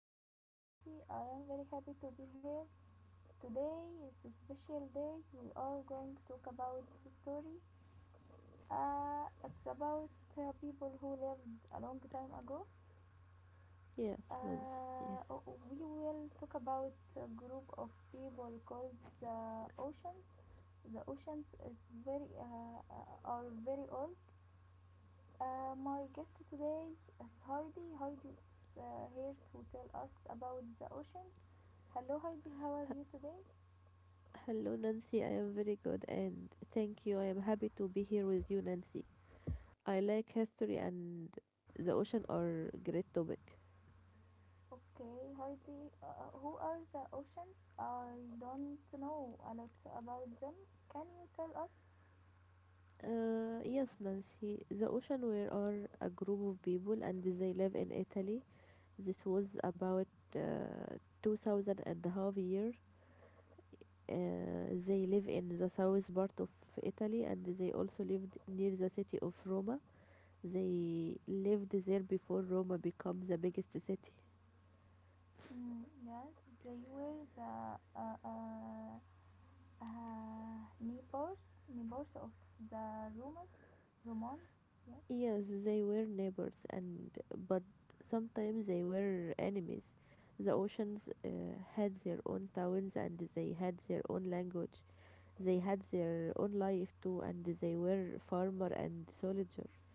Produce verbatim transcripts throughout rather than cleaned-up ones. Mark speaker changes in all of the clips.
Speaker 1: My name is Nancy. I am very happy to be here. Today is a special day. We are going to talk about the story. Uh, it's about uh, people who lived a long time ago.
Speaker 2: Yes,
Speaker 1: Uh,
Speaker 2: Nancy.
Speaker 1: we will talk about a group of people called the oceans. The oceans is very uh, uh, are very old. Uh, my guest today is Heidi. Heidi is uh, here to tell us about the oceans. Hello, Heidi. How are you today?
Speaker 2: Hello, Nancy. I am very good and thank you. I am happy to be here with you, Nancy. I like history and the ocean are great topic.
Speaker 1: Okay, Heidi. Uh, who are the oceans? I don't know a lot about them. Can you tell us?
Speaker 2: Uh, yes, Nancy. The ocean were are a group of people and they live in Italy. This was about uh, two thousand and a half year. Uh, they live in the south part of Italy and they also lived near the city of Rome. They lived there before Roma became the biggest city.
Speaker 1: Mm, yes, they were the uh, uh, uh, neighbors, neighbors of the Romans. Romans. Yes.
Speaker 2: Yes, they were neighbors and but sometimes they were enemies. The oceans uh, had their own towns and they had their own language. They had their own life too and they were farmer and soldier.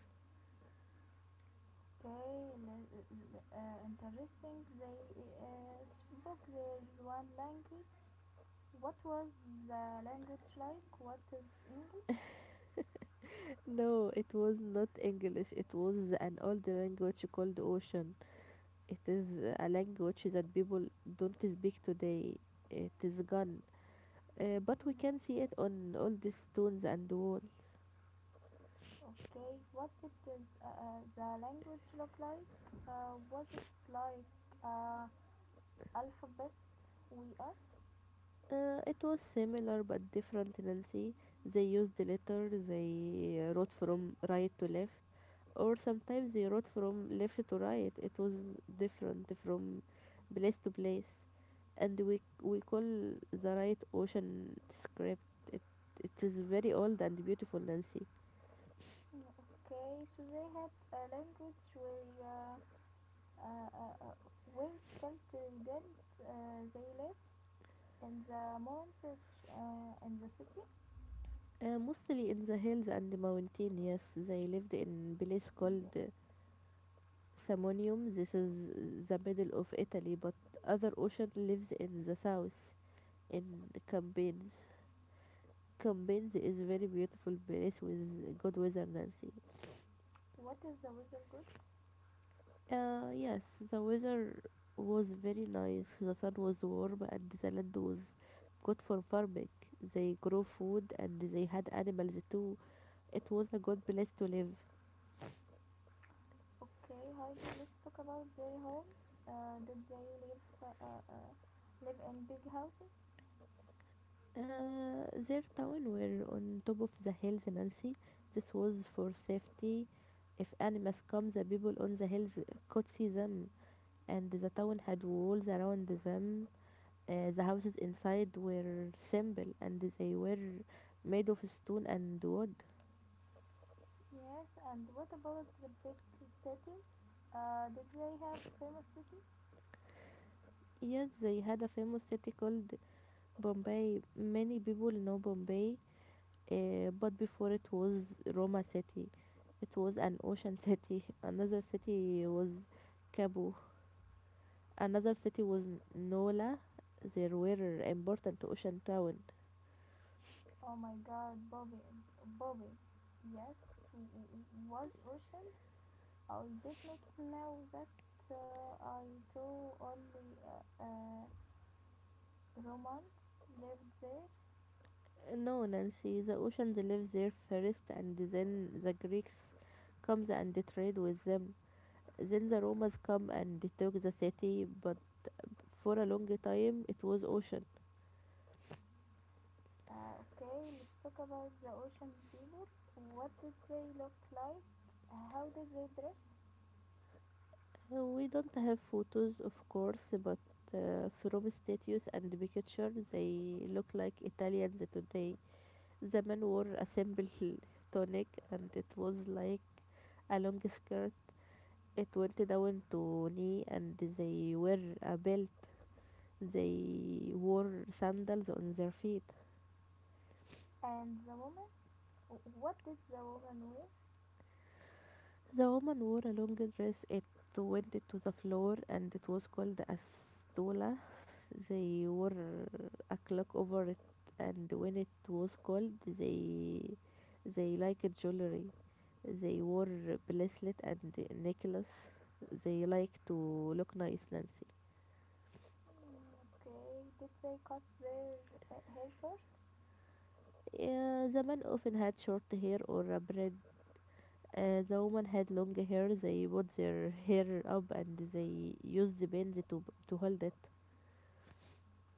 Speaker 1: Okay, uh, interesting. They uh, spoke their one language. What was the language like? What is English?
Speaker 2: No, it was not English. It was an old language called ocean. It is a language that people don't speak today. It is gone. Uh, but we can see it on all the stones and wall.
Speaker 1: Okay, what did uh, uh, the language look like? Uh, was it like uh, alphabet we us?
Speaker 2: Uh, it was similar but different, Nancy. They used the letter, they uh, wrote from right to left, or sometimes they wrote from left to right. It was different from place to place. And we we call the right ocean script. It it is very old and beautiful, Nancy.
Speaker 1: Okay, so they had a language where uh, uh, uh, uh, where skelter uh, they live in the mountains uh, in the city?
Speaker 2: Uh, mostly in the hills and the mountain, yes, they lived in place called uh, Samonium. This is the middle of Italy, but other ocean lives in the south in Campines. Campines is a very beautiful place with good weather, Nancy.
Speaker 1: What is the weather good?
Speaker 2: Uh, yes, the weather was very nice. The sun was warm and the land was good for farming. They grow food and they had animals too. It was a good place to live.
Speaker 1: Okay, Heidi, let's talk about their homes. Uh, did they live uh, uh, uh, live in big houses?
Speaker 2: Uh, their town were on top of the hills, Nancy. This was for safety. If animals come, the people on the hills could see them, and the town had walls around them. Uh, the houses inside were simple, and they were made of stone and wood.
Speaker 1: Yes, and what about the big cities? Uh, did they have famous cities?
Speaker 2: Yes, they had a famous city called Bombay. Many people know Bombay, uh, but before it was Roma city. It was an ocean city. Another city was Cabo. Another city was Nola. There were important ocean towns.
Speaker 1: Oh my God, Bobby, Bobby. Yes, w- w- was oceans. I did not know that. Uh, I too only uh, uh, Romans lived there.
Speaker 2: No, Nancy, the oceans live there first, and then the Greeks comes and they trade with them. Then the Romans come and they took the city, but for a long time it was ocean.
Speaker 1: Uh, okay, let's talk about the ocean people. What did they look like? How did they dress?
Speaker 2: Uh, We don't have photos, of course, but uh, from statues and picture, they look like Italians today. The men wore a simple tunic, and it was like a long skirt. It went down to knee, and they wear a belt. They wore sandals on their feet.
Speaker 1: And the woman? What did the woman wear?
Speaker 2: The woman wore a long dress. It went to the floor and it was called a stola. They wore a clock over it and when it was cold they they liked jewelry. They wore bracelet and necklace. They like to look nice, Nancy.
Speaker 1: Mm, okay, did they cut their uh, hair short?
Speaker 2: Yeah, the man often had short hair or a braid. Uh, the woman had long hair. They put their hair up and they used the bends to, to hold it.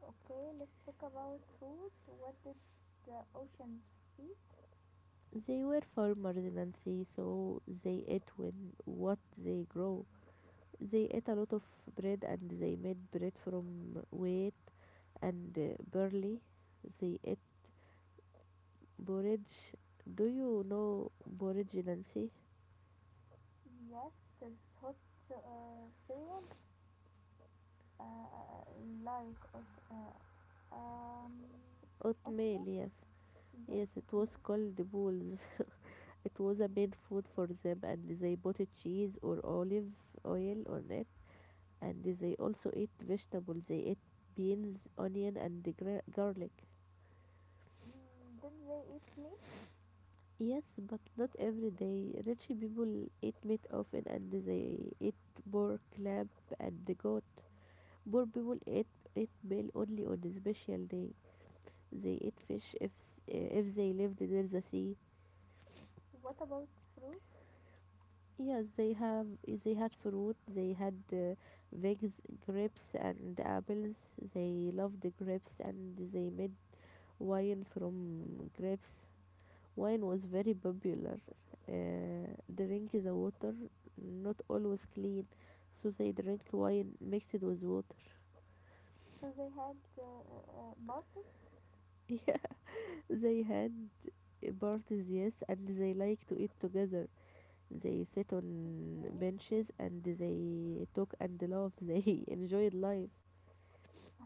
Speaker 1: Okay, let's talk about food. What did the oceans eat?
Speaker 2: They were farmers in Nancy, so they ate when what they grow. They ate a lot of bread and they made bread from wheat and uh, barley. They ate borage. Do you know borage, Nancy?
Speaker 1: Yes, this hot uh, cereal, uh, like uh, um, oatmeal.
Speaker 2: Oatmeal, yes.
Speaker 1: Yes,
Speaker 2: Yes,
Speaker 1: oatmeal.
Speaker 2: it was called the bulls. It was a main food for them, and they put cheese or olive oil on it. And they also ate vegetables. They ate beans, onion, and gra- garlic.
Speaker 1: Mm, did they eat meat?
Speaker 2: Yes, but not every day. Rich people eat meat often, and they eat pork, lamb, and the goat. Poor people eat eat meal only on a special day. They eat fish if s- eh, if they lived near the sea.
Speaker 1: What about fruit?
Speaker 2: Yes, they have they had fruit, they had uh, figs, grapes and apples. They loved the grapes and they made wine from grapes. Wine was very popular. Uh, drink the water, not always clean, so they drink wine mixed with water.
Speaker 1: So they had uh, uh, parties?
Speaker 2: Yeah, they had parties, yes, and they like to eat together. They sit on
Speaker 1: Yes.
Speaker 2: benches and they talk and laugh. They enjoyed life.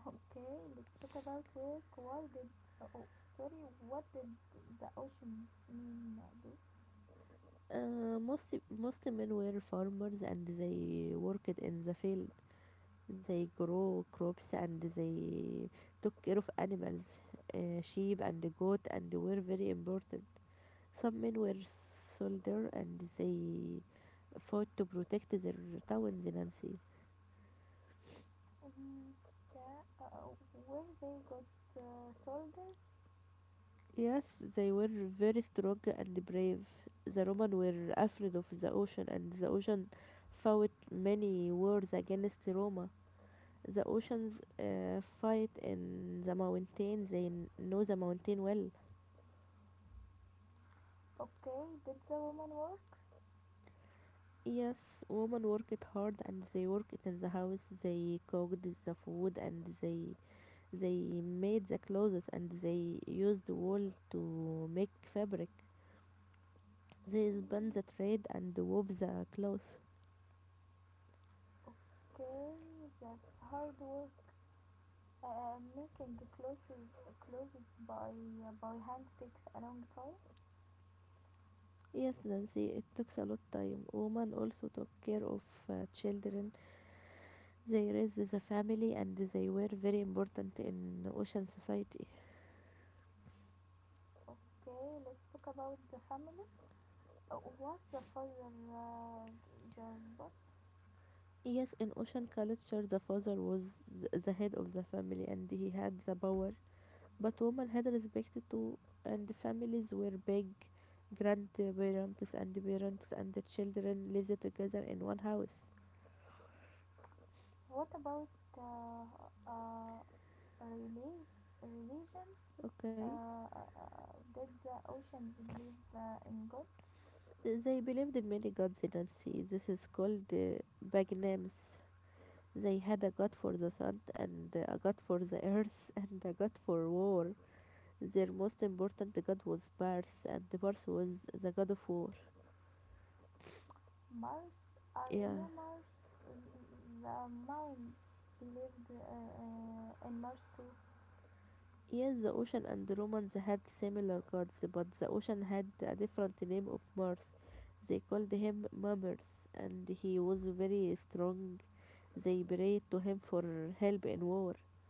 Speaker 1: Okay, let's talk about work. Why did. uh, Oh, sorry, what did the ocean mean uh, do?
Speaker 2: Uh, most most men were farmers and they worked in the field. They grow crops and they took care of animals, uh, sheep and goat, and were very important. Some men were soldier and they fought to protect their towns in Nancy.
Speaker 1: Mm, yeah, uh, where they got uh, soldiers?
Speaker 2: Yes, they were very strong and brave. The Roman were afraid of the ocean, and the ocean fought many wars against Roma. The oceans uh, fight in the mountain. They know the mountain well.
Speaker 1: Okay, did the woman work?
Speaker 2: Yes, women work it hard and they work it in the house. They cooked the food and they they made the clothes and they used wool to make fabric. They
Speaker 1: Mm,
Speaker 2: spun the thread and wove the cloth.
Speaker 1: okay, that's hard work. Uh, making clothes, clothes by uh, by hand takes a long time.
Speaker 2: Yes, Nancy, it takes a lot time. Women also took care of uh, children. They raised the family and they were very important in ocean society.
Speaker 1: Okay, let's talk about the family. Uh, Was the father uh, the boss?
Speaker 2: Yes, in ocean culture, the father was th- the head of the family and he had the power, but women had respect too, and families were big. Grandparents and parents and the children lived together in one house.
Speaker 1: What about uh, uh, reli- religion?
Speaker 2: Okay.
Speaker 1: Uh, uh, uh, did the oceans believe uh, in God?
Speaker 2: They believed in many gods in sea. This is called uh, Bagnames. They had a god for the sun and a god for the earth and a god for war. Their most important god was Pars, and Pars was the god of war.
Speaker 1: Mars? I know
Speaker 2: Yeah,
Speaker 1: Mars. Uh, the mountains believed uh, uh, in Mars too.
Speaker 2: yes, the Ocean and the Romans had similar gods, but the Ocean had a different name of Mars. They called him Mammers, and he was very strong. They prayed to him for help in war.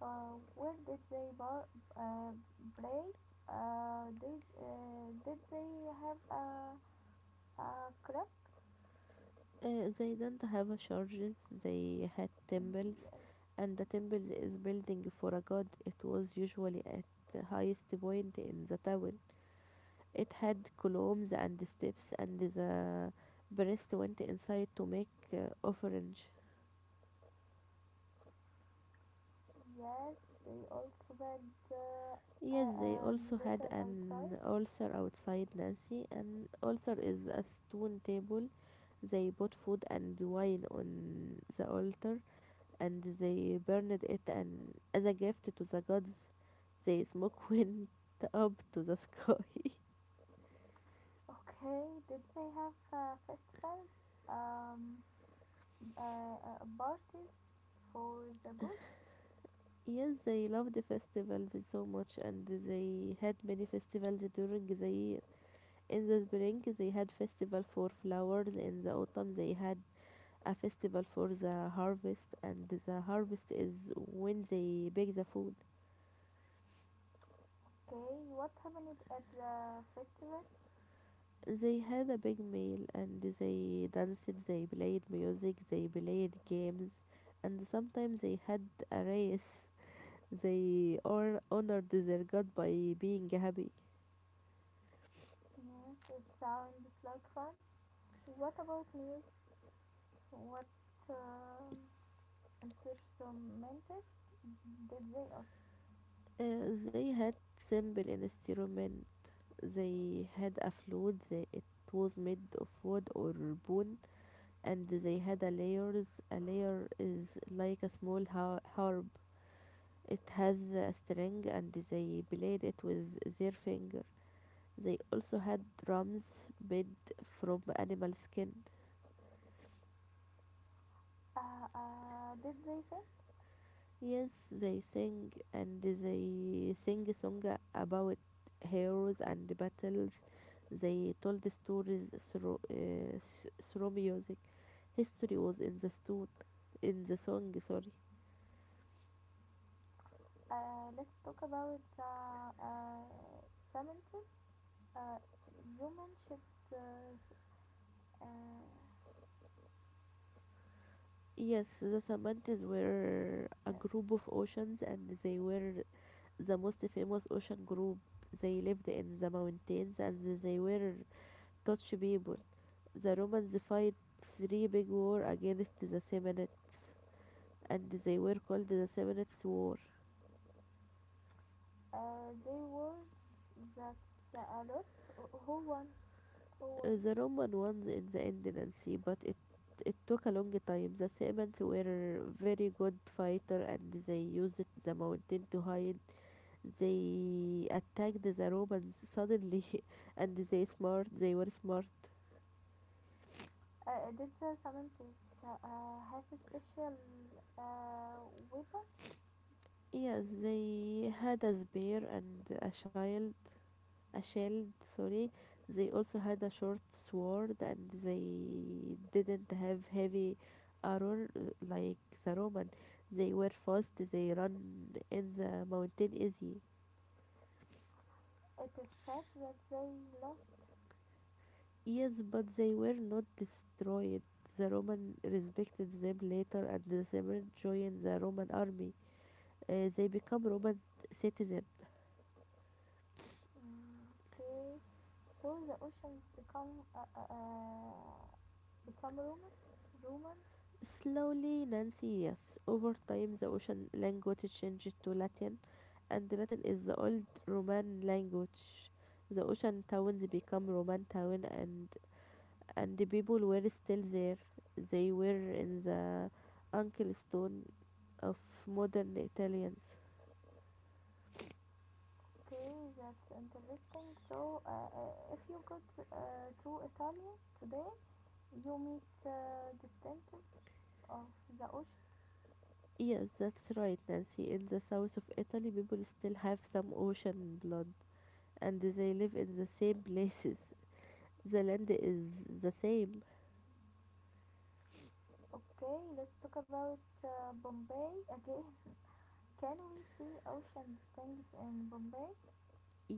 Speaker 1: Uh, where did they bar- uh, pray? Uh, did uh, did they have a, a crab?
Speaker 2: Uh, they didn't have churches, they had temples,
Speaker 1: Yes.
Speaker 2: and the temples is building for a god. It was usually at the highest point in the town. It had columns and steps, and the priest went inside to make uh, offerings.
Speaker 1: Yes, they also went uh, uh,
Speaker 2: Yes, they
Speaker 1: and litter
Speaker 2: also had
Speaker 1: outside.
Speaker 2: an ulcer outside Nancy. An ulcer is a stone table. They put food and wine on the altar and they burned it and as a gift to the gods. The smoke went up to the sky.
Speaker 1: Okay, did they have uh, festivals? Um, uh, uh, parties for the good?
Speaker 2: Yes, they loved the festivals so much and they had many festivals during the year. In the spring they had festival for flowers, in the autumn they had a festival for the harvest, and the harvest is when they bake the food.
Speaker 1: Okay, what happened at the festival?
Speaker 2: They had a big meal and they danced, they played music, they played games, and sometimes they had a race. They hon- honored their god by being happy.
Speaker 1: Yes, it sounds like fun. What about music? What um, instruments did they also?
Speaker 2: Uh, they had simple instrument. They had a flute. They, it was made of wood or bone. And they had a layers. A layer is like a small har- harp. It has a string and they played it with their finger. They also had drums made from animal skin.
Speaker 1: Uh, uh, did they sing?
Speaker 2: Yes, they sing and they sing a song about heroes and battles. They told the stories through, uh, through music. History was in the stone, in the song, sorry.
Speaker 1: Uh, let's talk about uh, uh, seventies. Uh, you mentioned uh, uh,
Speaker 2: Yes, the Samantas were
Speaker 1: yes.
Speaker 2: a group of oceans and they were the most famous ocean group. They lived in the mountains and they were Dutch people. The Romans fight three big war against the Samnites and they were called the Samnites War.
Speaker 1: Uh, there was that's uh, a lot. Who won? Who won?
Speaker 2: Uh, The Roman ones in the Indiancy, but it it took a long time. The Samnites were very good fighter and they used the mountain to hide. They attacked the Romans suddenly and they smart they were smart.
Speaker 1: Uh, uh, did the seventies uh, uh, have a special uh, weapons?
Speaker 2: Yes, they had a spear and a shield a shield, sorry. They also had a short sword and they didn't have heavy armor uh, like the Roman. They were fast, they run in the mountain easy.
Speaker 1: It is said that they lost.
Speaker 2: Yes, but they were not destroyed. The Roman respected them later and the Samaritans joined the Roman army. Uh, they become Roman citizens.
Speaker 1: Mm, okay, so the oceans become uh, uh, uh, become Roman. Romans.
Speaker 2: Slowly, Nancy, yes, over time the ocean language changed to Latin, and Latin is the old Roman language. The ocean towns become Roman town, and and the people were still there. They were in the ankle stone of modern Italians.
Speaker 1: Okay, that's interesting. So, uh, uh, if you go to, uh, to Italy today, you meet uh, the dentists of the ocean.
Speaker 2: Yes, that's right, Nancy. In the south of Italy, people still have some ocean blood, and they live in the same places. The land is the same.
Speaker 1: Okay, let's talk about uh, Bombay again. Can we see ocean things in Bombay?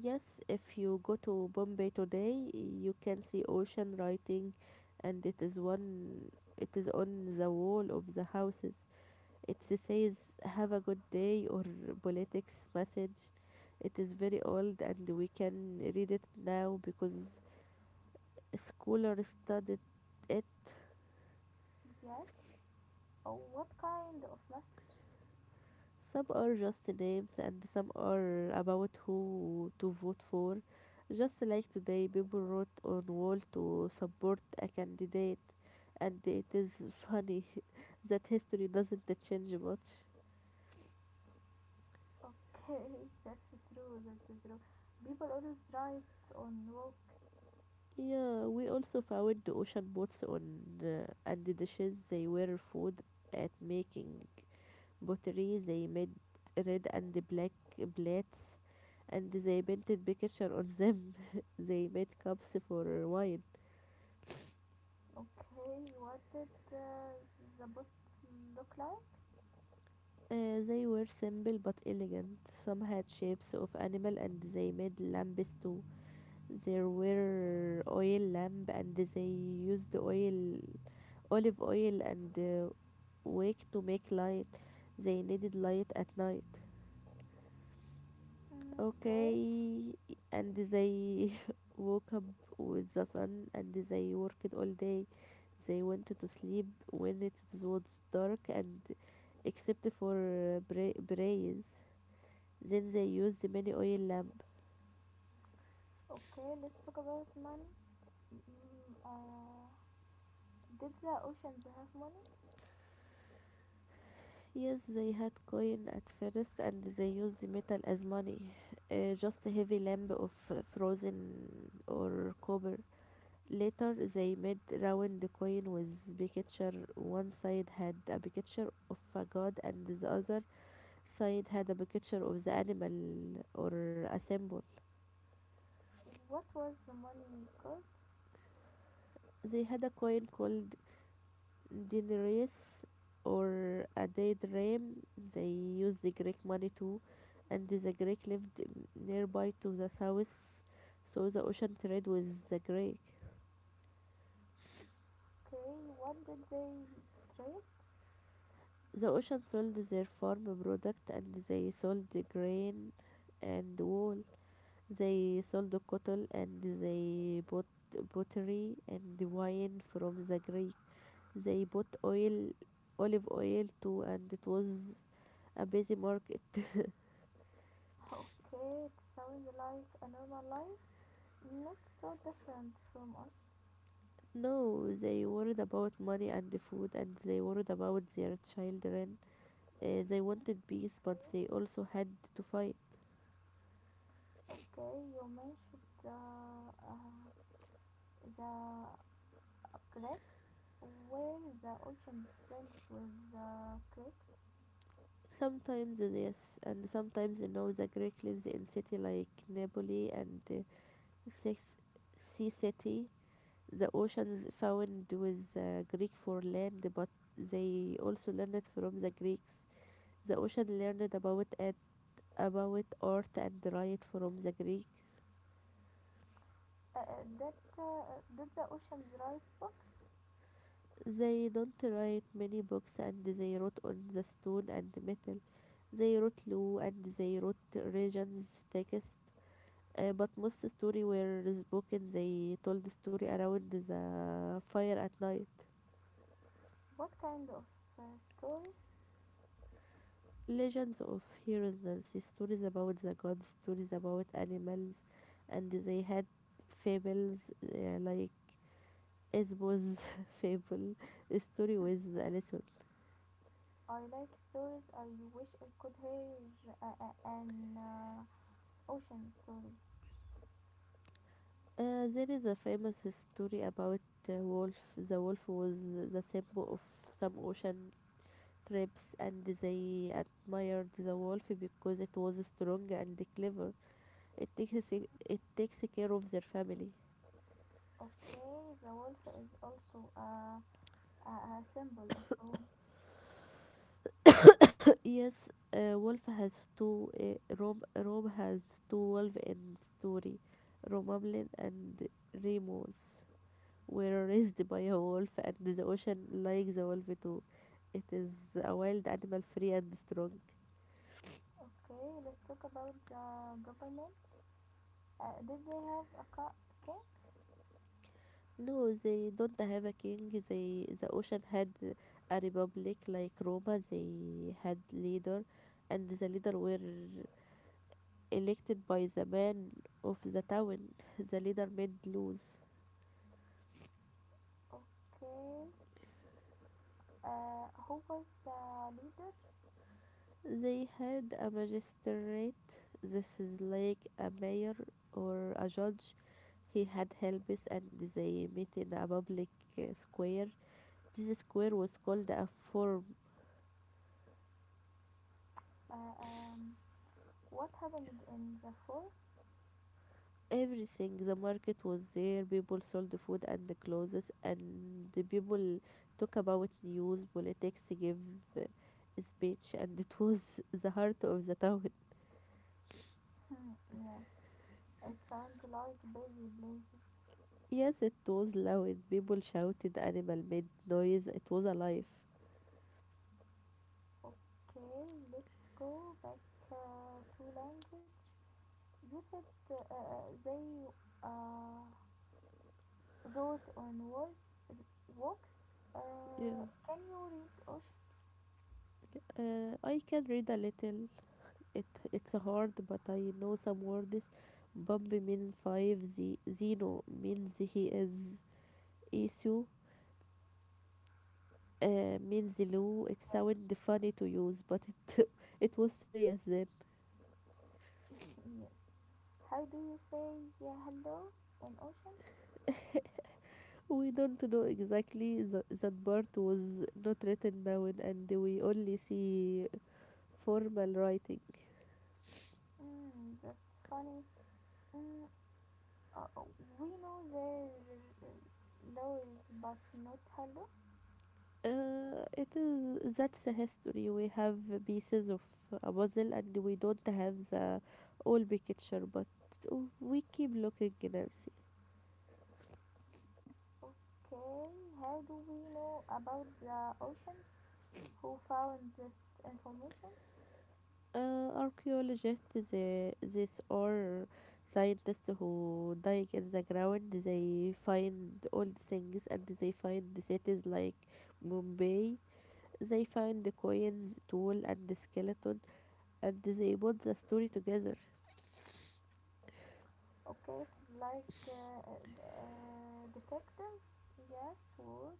Speaker 2: Yes, if you go to Bombay today, you can see ocean writing and it is one it is on the wall of the houses. It says have a good day or politics message. It is very old and we can read it now because scholars studied it.
Speaker 1: Yes. Oh, what kind of message?
Speaker 2: Some are just names and some are about who to vote for. Just like today, people wrote on wall to support a candidate, and it is funny that history doesn't change much.
Speaker 1: Okay, that's true. That's true. People always write on walk.
Speaker 2: Yeah, we also found the ocean boats on uh, and the dishes they were food at making pottery. They made red and the black plates, and they painted picture on them. They made cups for wine.
Speaker 1: Okay, what did uh, the post look like?
Speaker 2: Uh, they were simple but elegant. Some had shapes of animal and they made lamps too. There were oil lamp and they used oil, olive oil and uh, wick to make light. They needed light at night.
Speaker 1: Mm, okay.
Speaker 2: Okay, and they woke up with the sun and they worked all day. They went to sleep when it was dark and except for uh, bra- braise. Then they used the mini oil lamp.
Speaker 1: Okay, let's talk about money. Mm, uh, did the oceans have money?
Speaker 2: Yes, they had coin at first and they used the metal as money, uh, just a heavy lamp of frozen or copper. Later, they made round coin with picture. One side had a picture of a god and the other side had a picture of the animal or a symbol.
Speaker 1: What was the money called?
Speaker 2: They had a coin called denarius or a day drachma. They used the Greek money too, and the Greek lived nearby to the south, so the ocean trade with the Greek.
Speaker 1: Okay, what did they trade?
Speaker 2: The ocean sold their farm product and they sold the grain and wool. They sold cotton and they bought pottery and wine from the Greek. They bought oil, olive oil too, and it was a busy market.
Speaker 1: Okay, it sounds like a normal life, not so different from us.
Speaker 2: No, they worried about money and the food, and they worried about their children. Uh, they wanted peace, but they also had to fight.
Speaker 1: Okay, you mentioned the uh, the Greeks. Were the oceans friends with the Greeks?
Speaker 2: Sometimes yes, and sometimes no. The Greek lives in city like Napoli and uh, Sis- Sea City. The oceans found with uh, Greek for land, but they also learned from the Greeks. The ocean learned about it, about art and riot from the Greeks.
Speaker 1: Uh, uh, did, uh, did the oceans write books?
Speaker 2: They don't write many books and they wrote on the stone and metal. They wrote law and they wrote regions text. Uh, but most story were spoken. They told the story around the fire at night.
Speaker 1: What kind of uh, stories?
Speaker 2: Legends of heroes, stories about the gods, stories about animals, and they had fables uh, like Aesop's fable, a story with a lesson.
Speaker 1: I like stories. I wish I could hear uh, uh, an uh, ocean story.
Speaker 2: Uh, there is a famous story about a wolf. The wolf was the symbol of some ocean trips, and they admired the wolf because it was strong and clever. It takes it takes care of their family.
Speaker 1: Okay, the wolf is also a, a, a symbol of Rome.
Speaker 2: Yes, uh, wolf has two. Uh, Rome Rome has two wolves in story. Romulan and Remus were raised by a wolf, and the ocean likes the wolf too. It is a wild animal, free and strong.
Speaker 1: Okay, let's talk about the government. Uh, did they have a ca- king?
Speaker 2: No, they don't have a king. They the ocean had a republic like Roma. They had leader, and the leader were elected by the man of the town. The leader made laws.
Speaker 1: Okay, uh, who was the leader?
Speaker 2: They had a magistrate. This is like a mayor or a judge. He had helpers, and they met in a public uh, square. This square was called a forum.
Speaker 1: Uh, um, what happened in the fall?
Speaker 2: Everything, the market was there. People sold food and the clothes and the people talk about news, politics, give a speech, and it was the heart of the town.
Speaker 1: Yes, it sounds like busy places.
Speaker 2: Yes, it was loud. People shouted, animal made noise, it was alive.
Speaker 1: Okay, let's go back uh, to language. You said uh, uh, they uh, wrote on wall walks.
Speaker 2: Yeah,
Speaker 1: Uh, can you read ocean?
Speaker 2: uh, I can read a little. It it's hard, but I know some words. Bambi means five. Z- zeno means he is issue. Uh, means low. It
Speaker 1: Yes.
Speaker 2: sounded funny to use, but it, it was serious then.
Speaker 1: Yes. How do you say yeah, hello in ocean?
Speaker 2: We don't know exactly. The, that part was not written down, and we only see formal writing.
Speaker 1: Mm, that's funny. Mm, uh, we know their laws, but not hello.
Speaker 2: Uh, it is That's a history. We have pieces of a puzzle, and we don't have the whole picture, but we keep looking, Nancy.
Speaker 1: Okay. How do we know about the oceans? Who found this information?
Speaker 2: Uh, archaeologists, the, this are scientists who dig in the ground. They find old things and they find the cities like Mumbai. They find the coins, tool, and the skeleton, and they put the story together.
Speaker 1: Okay, it's like uh, uh, detective. Yes, work.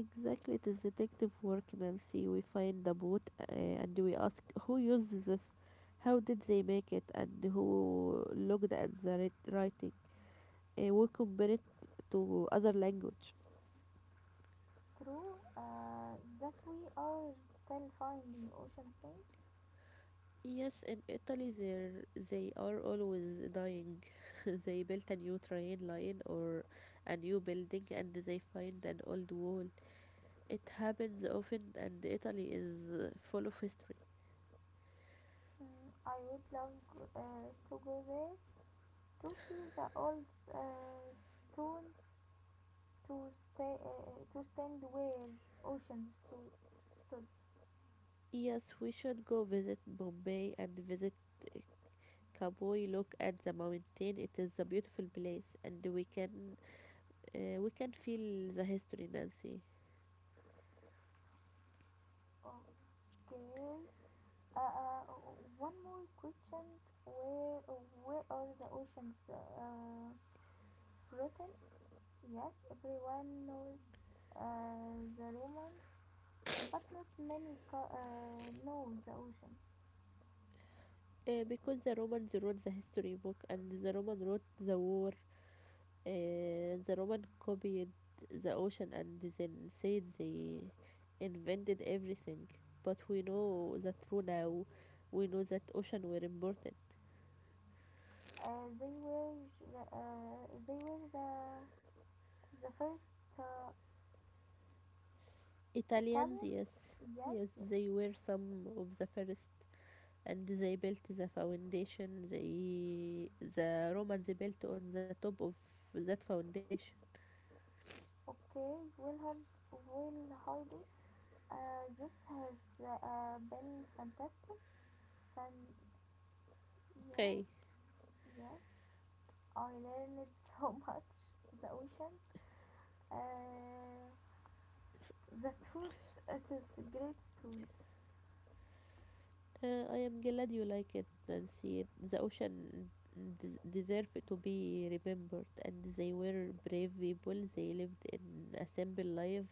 Speaker 2: Exactly, it is detective work, Nancy. We find the boat uh, and we ask who uses this, how did they make it, and who looked at the writ- writing. Uh, we compare it to other language.
Speaker 1: It's true uh, that we are still finding ocean things.
Speaker 2: Yes, in Italy, they're, they are always dying. They built a new train line or a new building and they find an old wall. It happens often, and Italy is uh, full of history.
Speaker 1: Mm, I would love g- uh, to go there to see the old uh, stones to stay uh, to stand where oceans sto- stood.
Speaker 2: Yes, we should go visit Bombay and visit uh, Kaboi. Look at the mountain; it is a beautiful place, and we can uh, we can feel the history, Nancy.
Speaker 1: Okay. Uh, uh, one more question. Where where are the oceans uh, written? Yes, everyone knows uh, the Romans, but not many co- uh, know the ocean.
Speaker 2: Uh, because the Romans wrote the history book and the Romans wrote the war. Uh, the Roman copied the ocean and then said they invented everything. But we know the true now. We know that ocean were important.
Speaker 1: Uh, they were the- uh, they were the the first uh,
Speaker 2: Italians,
Speaker 1: Italians.
Speaker 2: yes,
Speaker 1: Yes,
Speaker 2: yes,
Speaker 1: yes.
Speaker 2: they were some of the first, and they built the foundation. They the Romans they built on the top of that foundation.
Speaker 1: Okay, Wilhelm Will Heidi. Uh, this has uh, been fantastic. Fun.
Speaker 2: Okay.
Speaker 1: Yes, yes. I learned so much. The oceans. Uh, The truth it is a great story.
Speaker 2: Uh, I am glad you like it, Nancy. The ocean des- deserve to be remembered, and they were brave people. They lived in a simple life,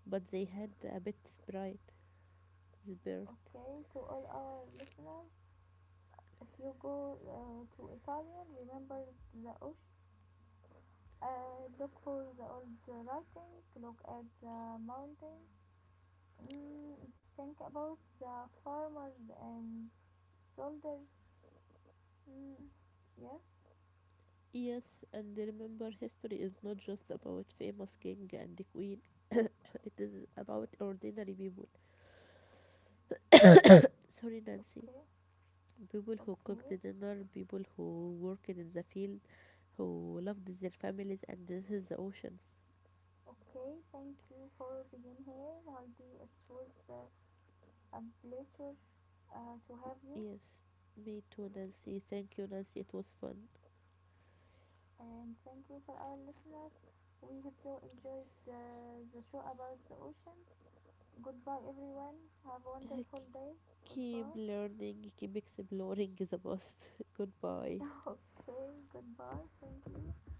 Speaker 2: but they had a bit sprite spirit.
Speaker 1: Okay, to all our listeners, if you go uh, to Italian, remember the oceans, uh, look for the old writing, look at the mountains, mm, think about the farmers and soldiers, mm, yes,
Speaker 2: Yes, and remember, history is not just about famous king and queen. It is about ordinary people. Sorry, Nancy.
Speaker 1: okay,
Speaker 2: People who cooked
Speaker 1: okay.
Speaker 2: the dinner, people who worked in the field, who loved their families, and this is the oceans.
Speaker 1: Okay, thank you for being here, Haldi. It was uh, a pleasure uh, to have you.
Speaker 2: Yes, me too, Nancy. Thank you, Nancy. It was fun.
Speaker 1: And thank you for our listeners. We hope you enjoyed uh, the show about the oceans. Goodbye, everyone. Have a wonderful day.
Speaker 2: Keep
Speaker 1: Goodbye.
Speaker 2: learning, keep exploring is a must. Goodbye.
Speaker 1: Okay, goodbye. Thank you.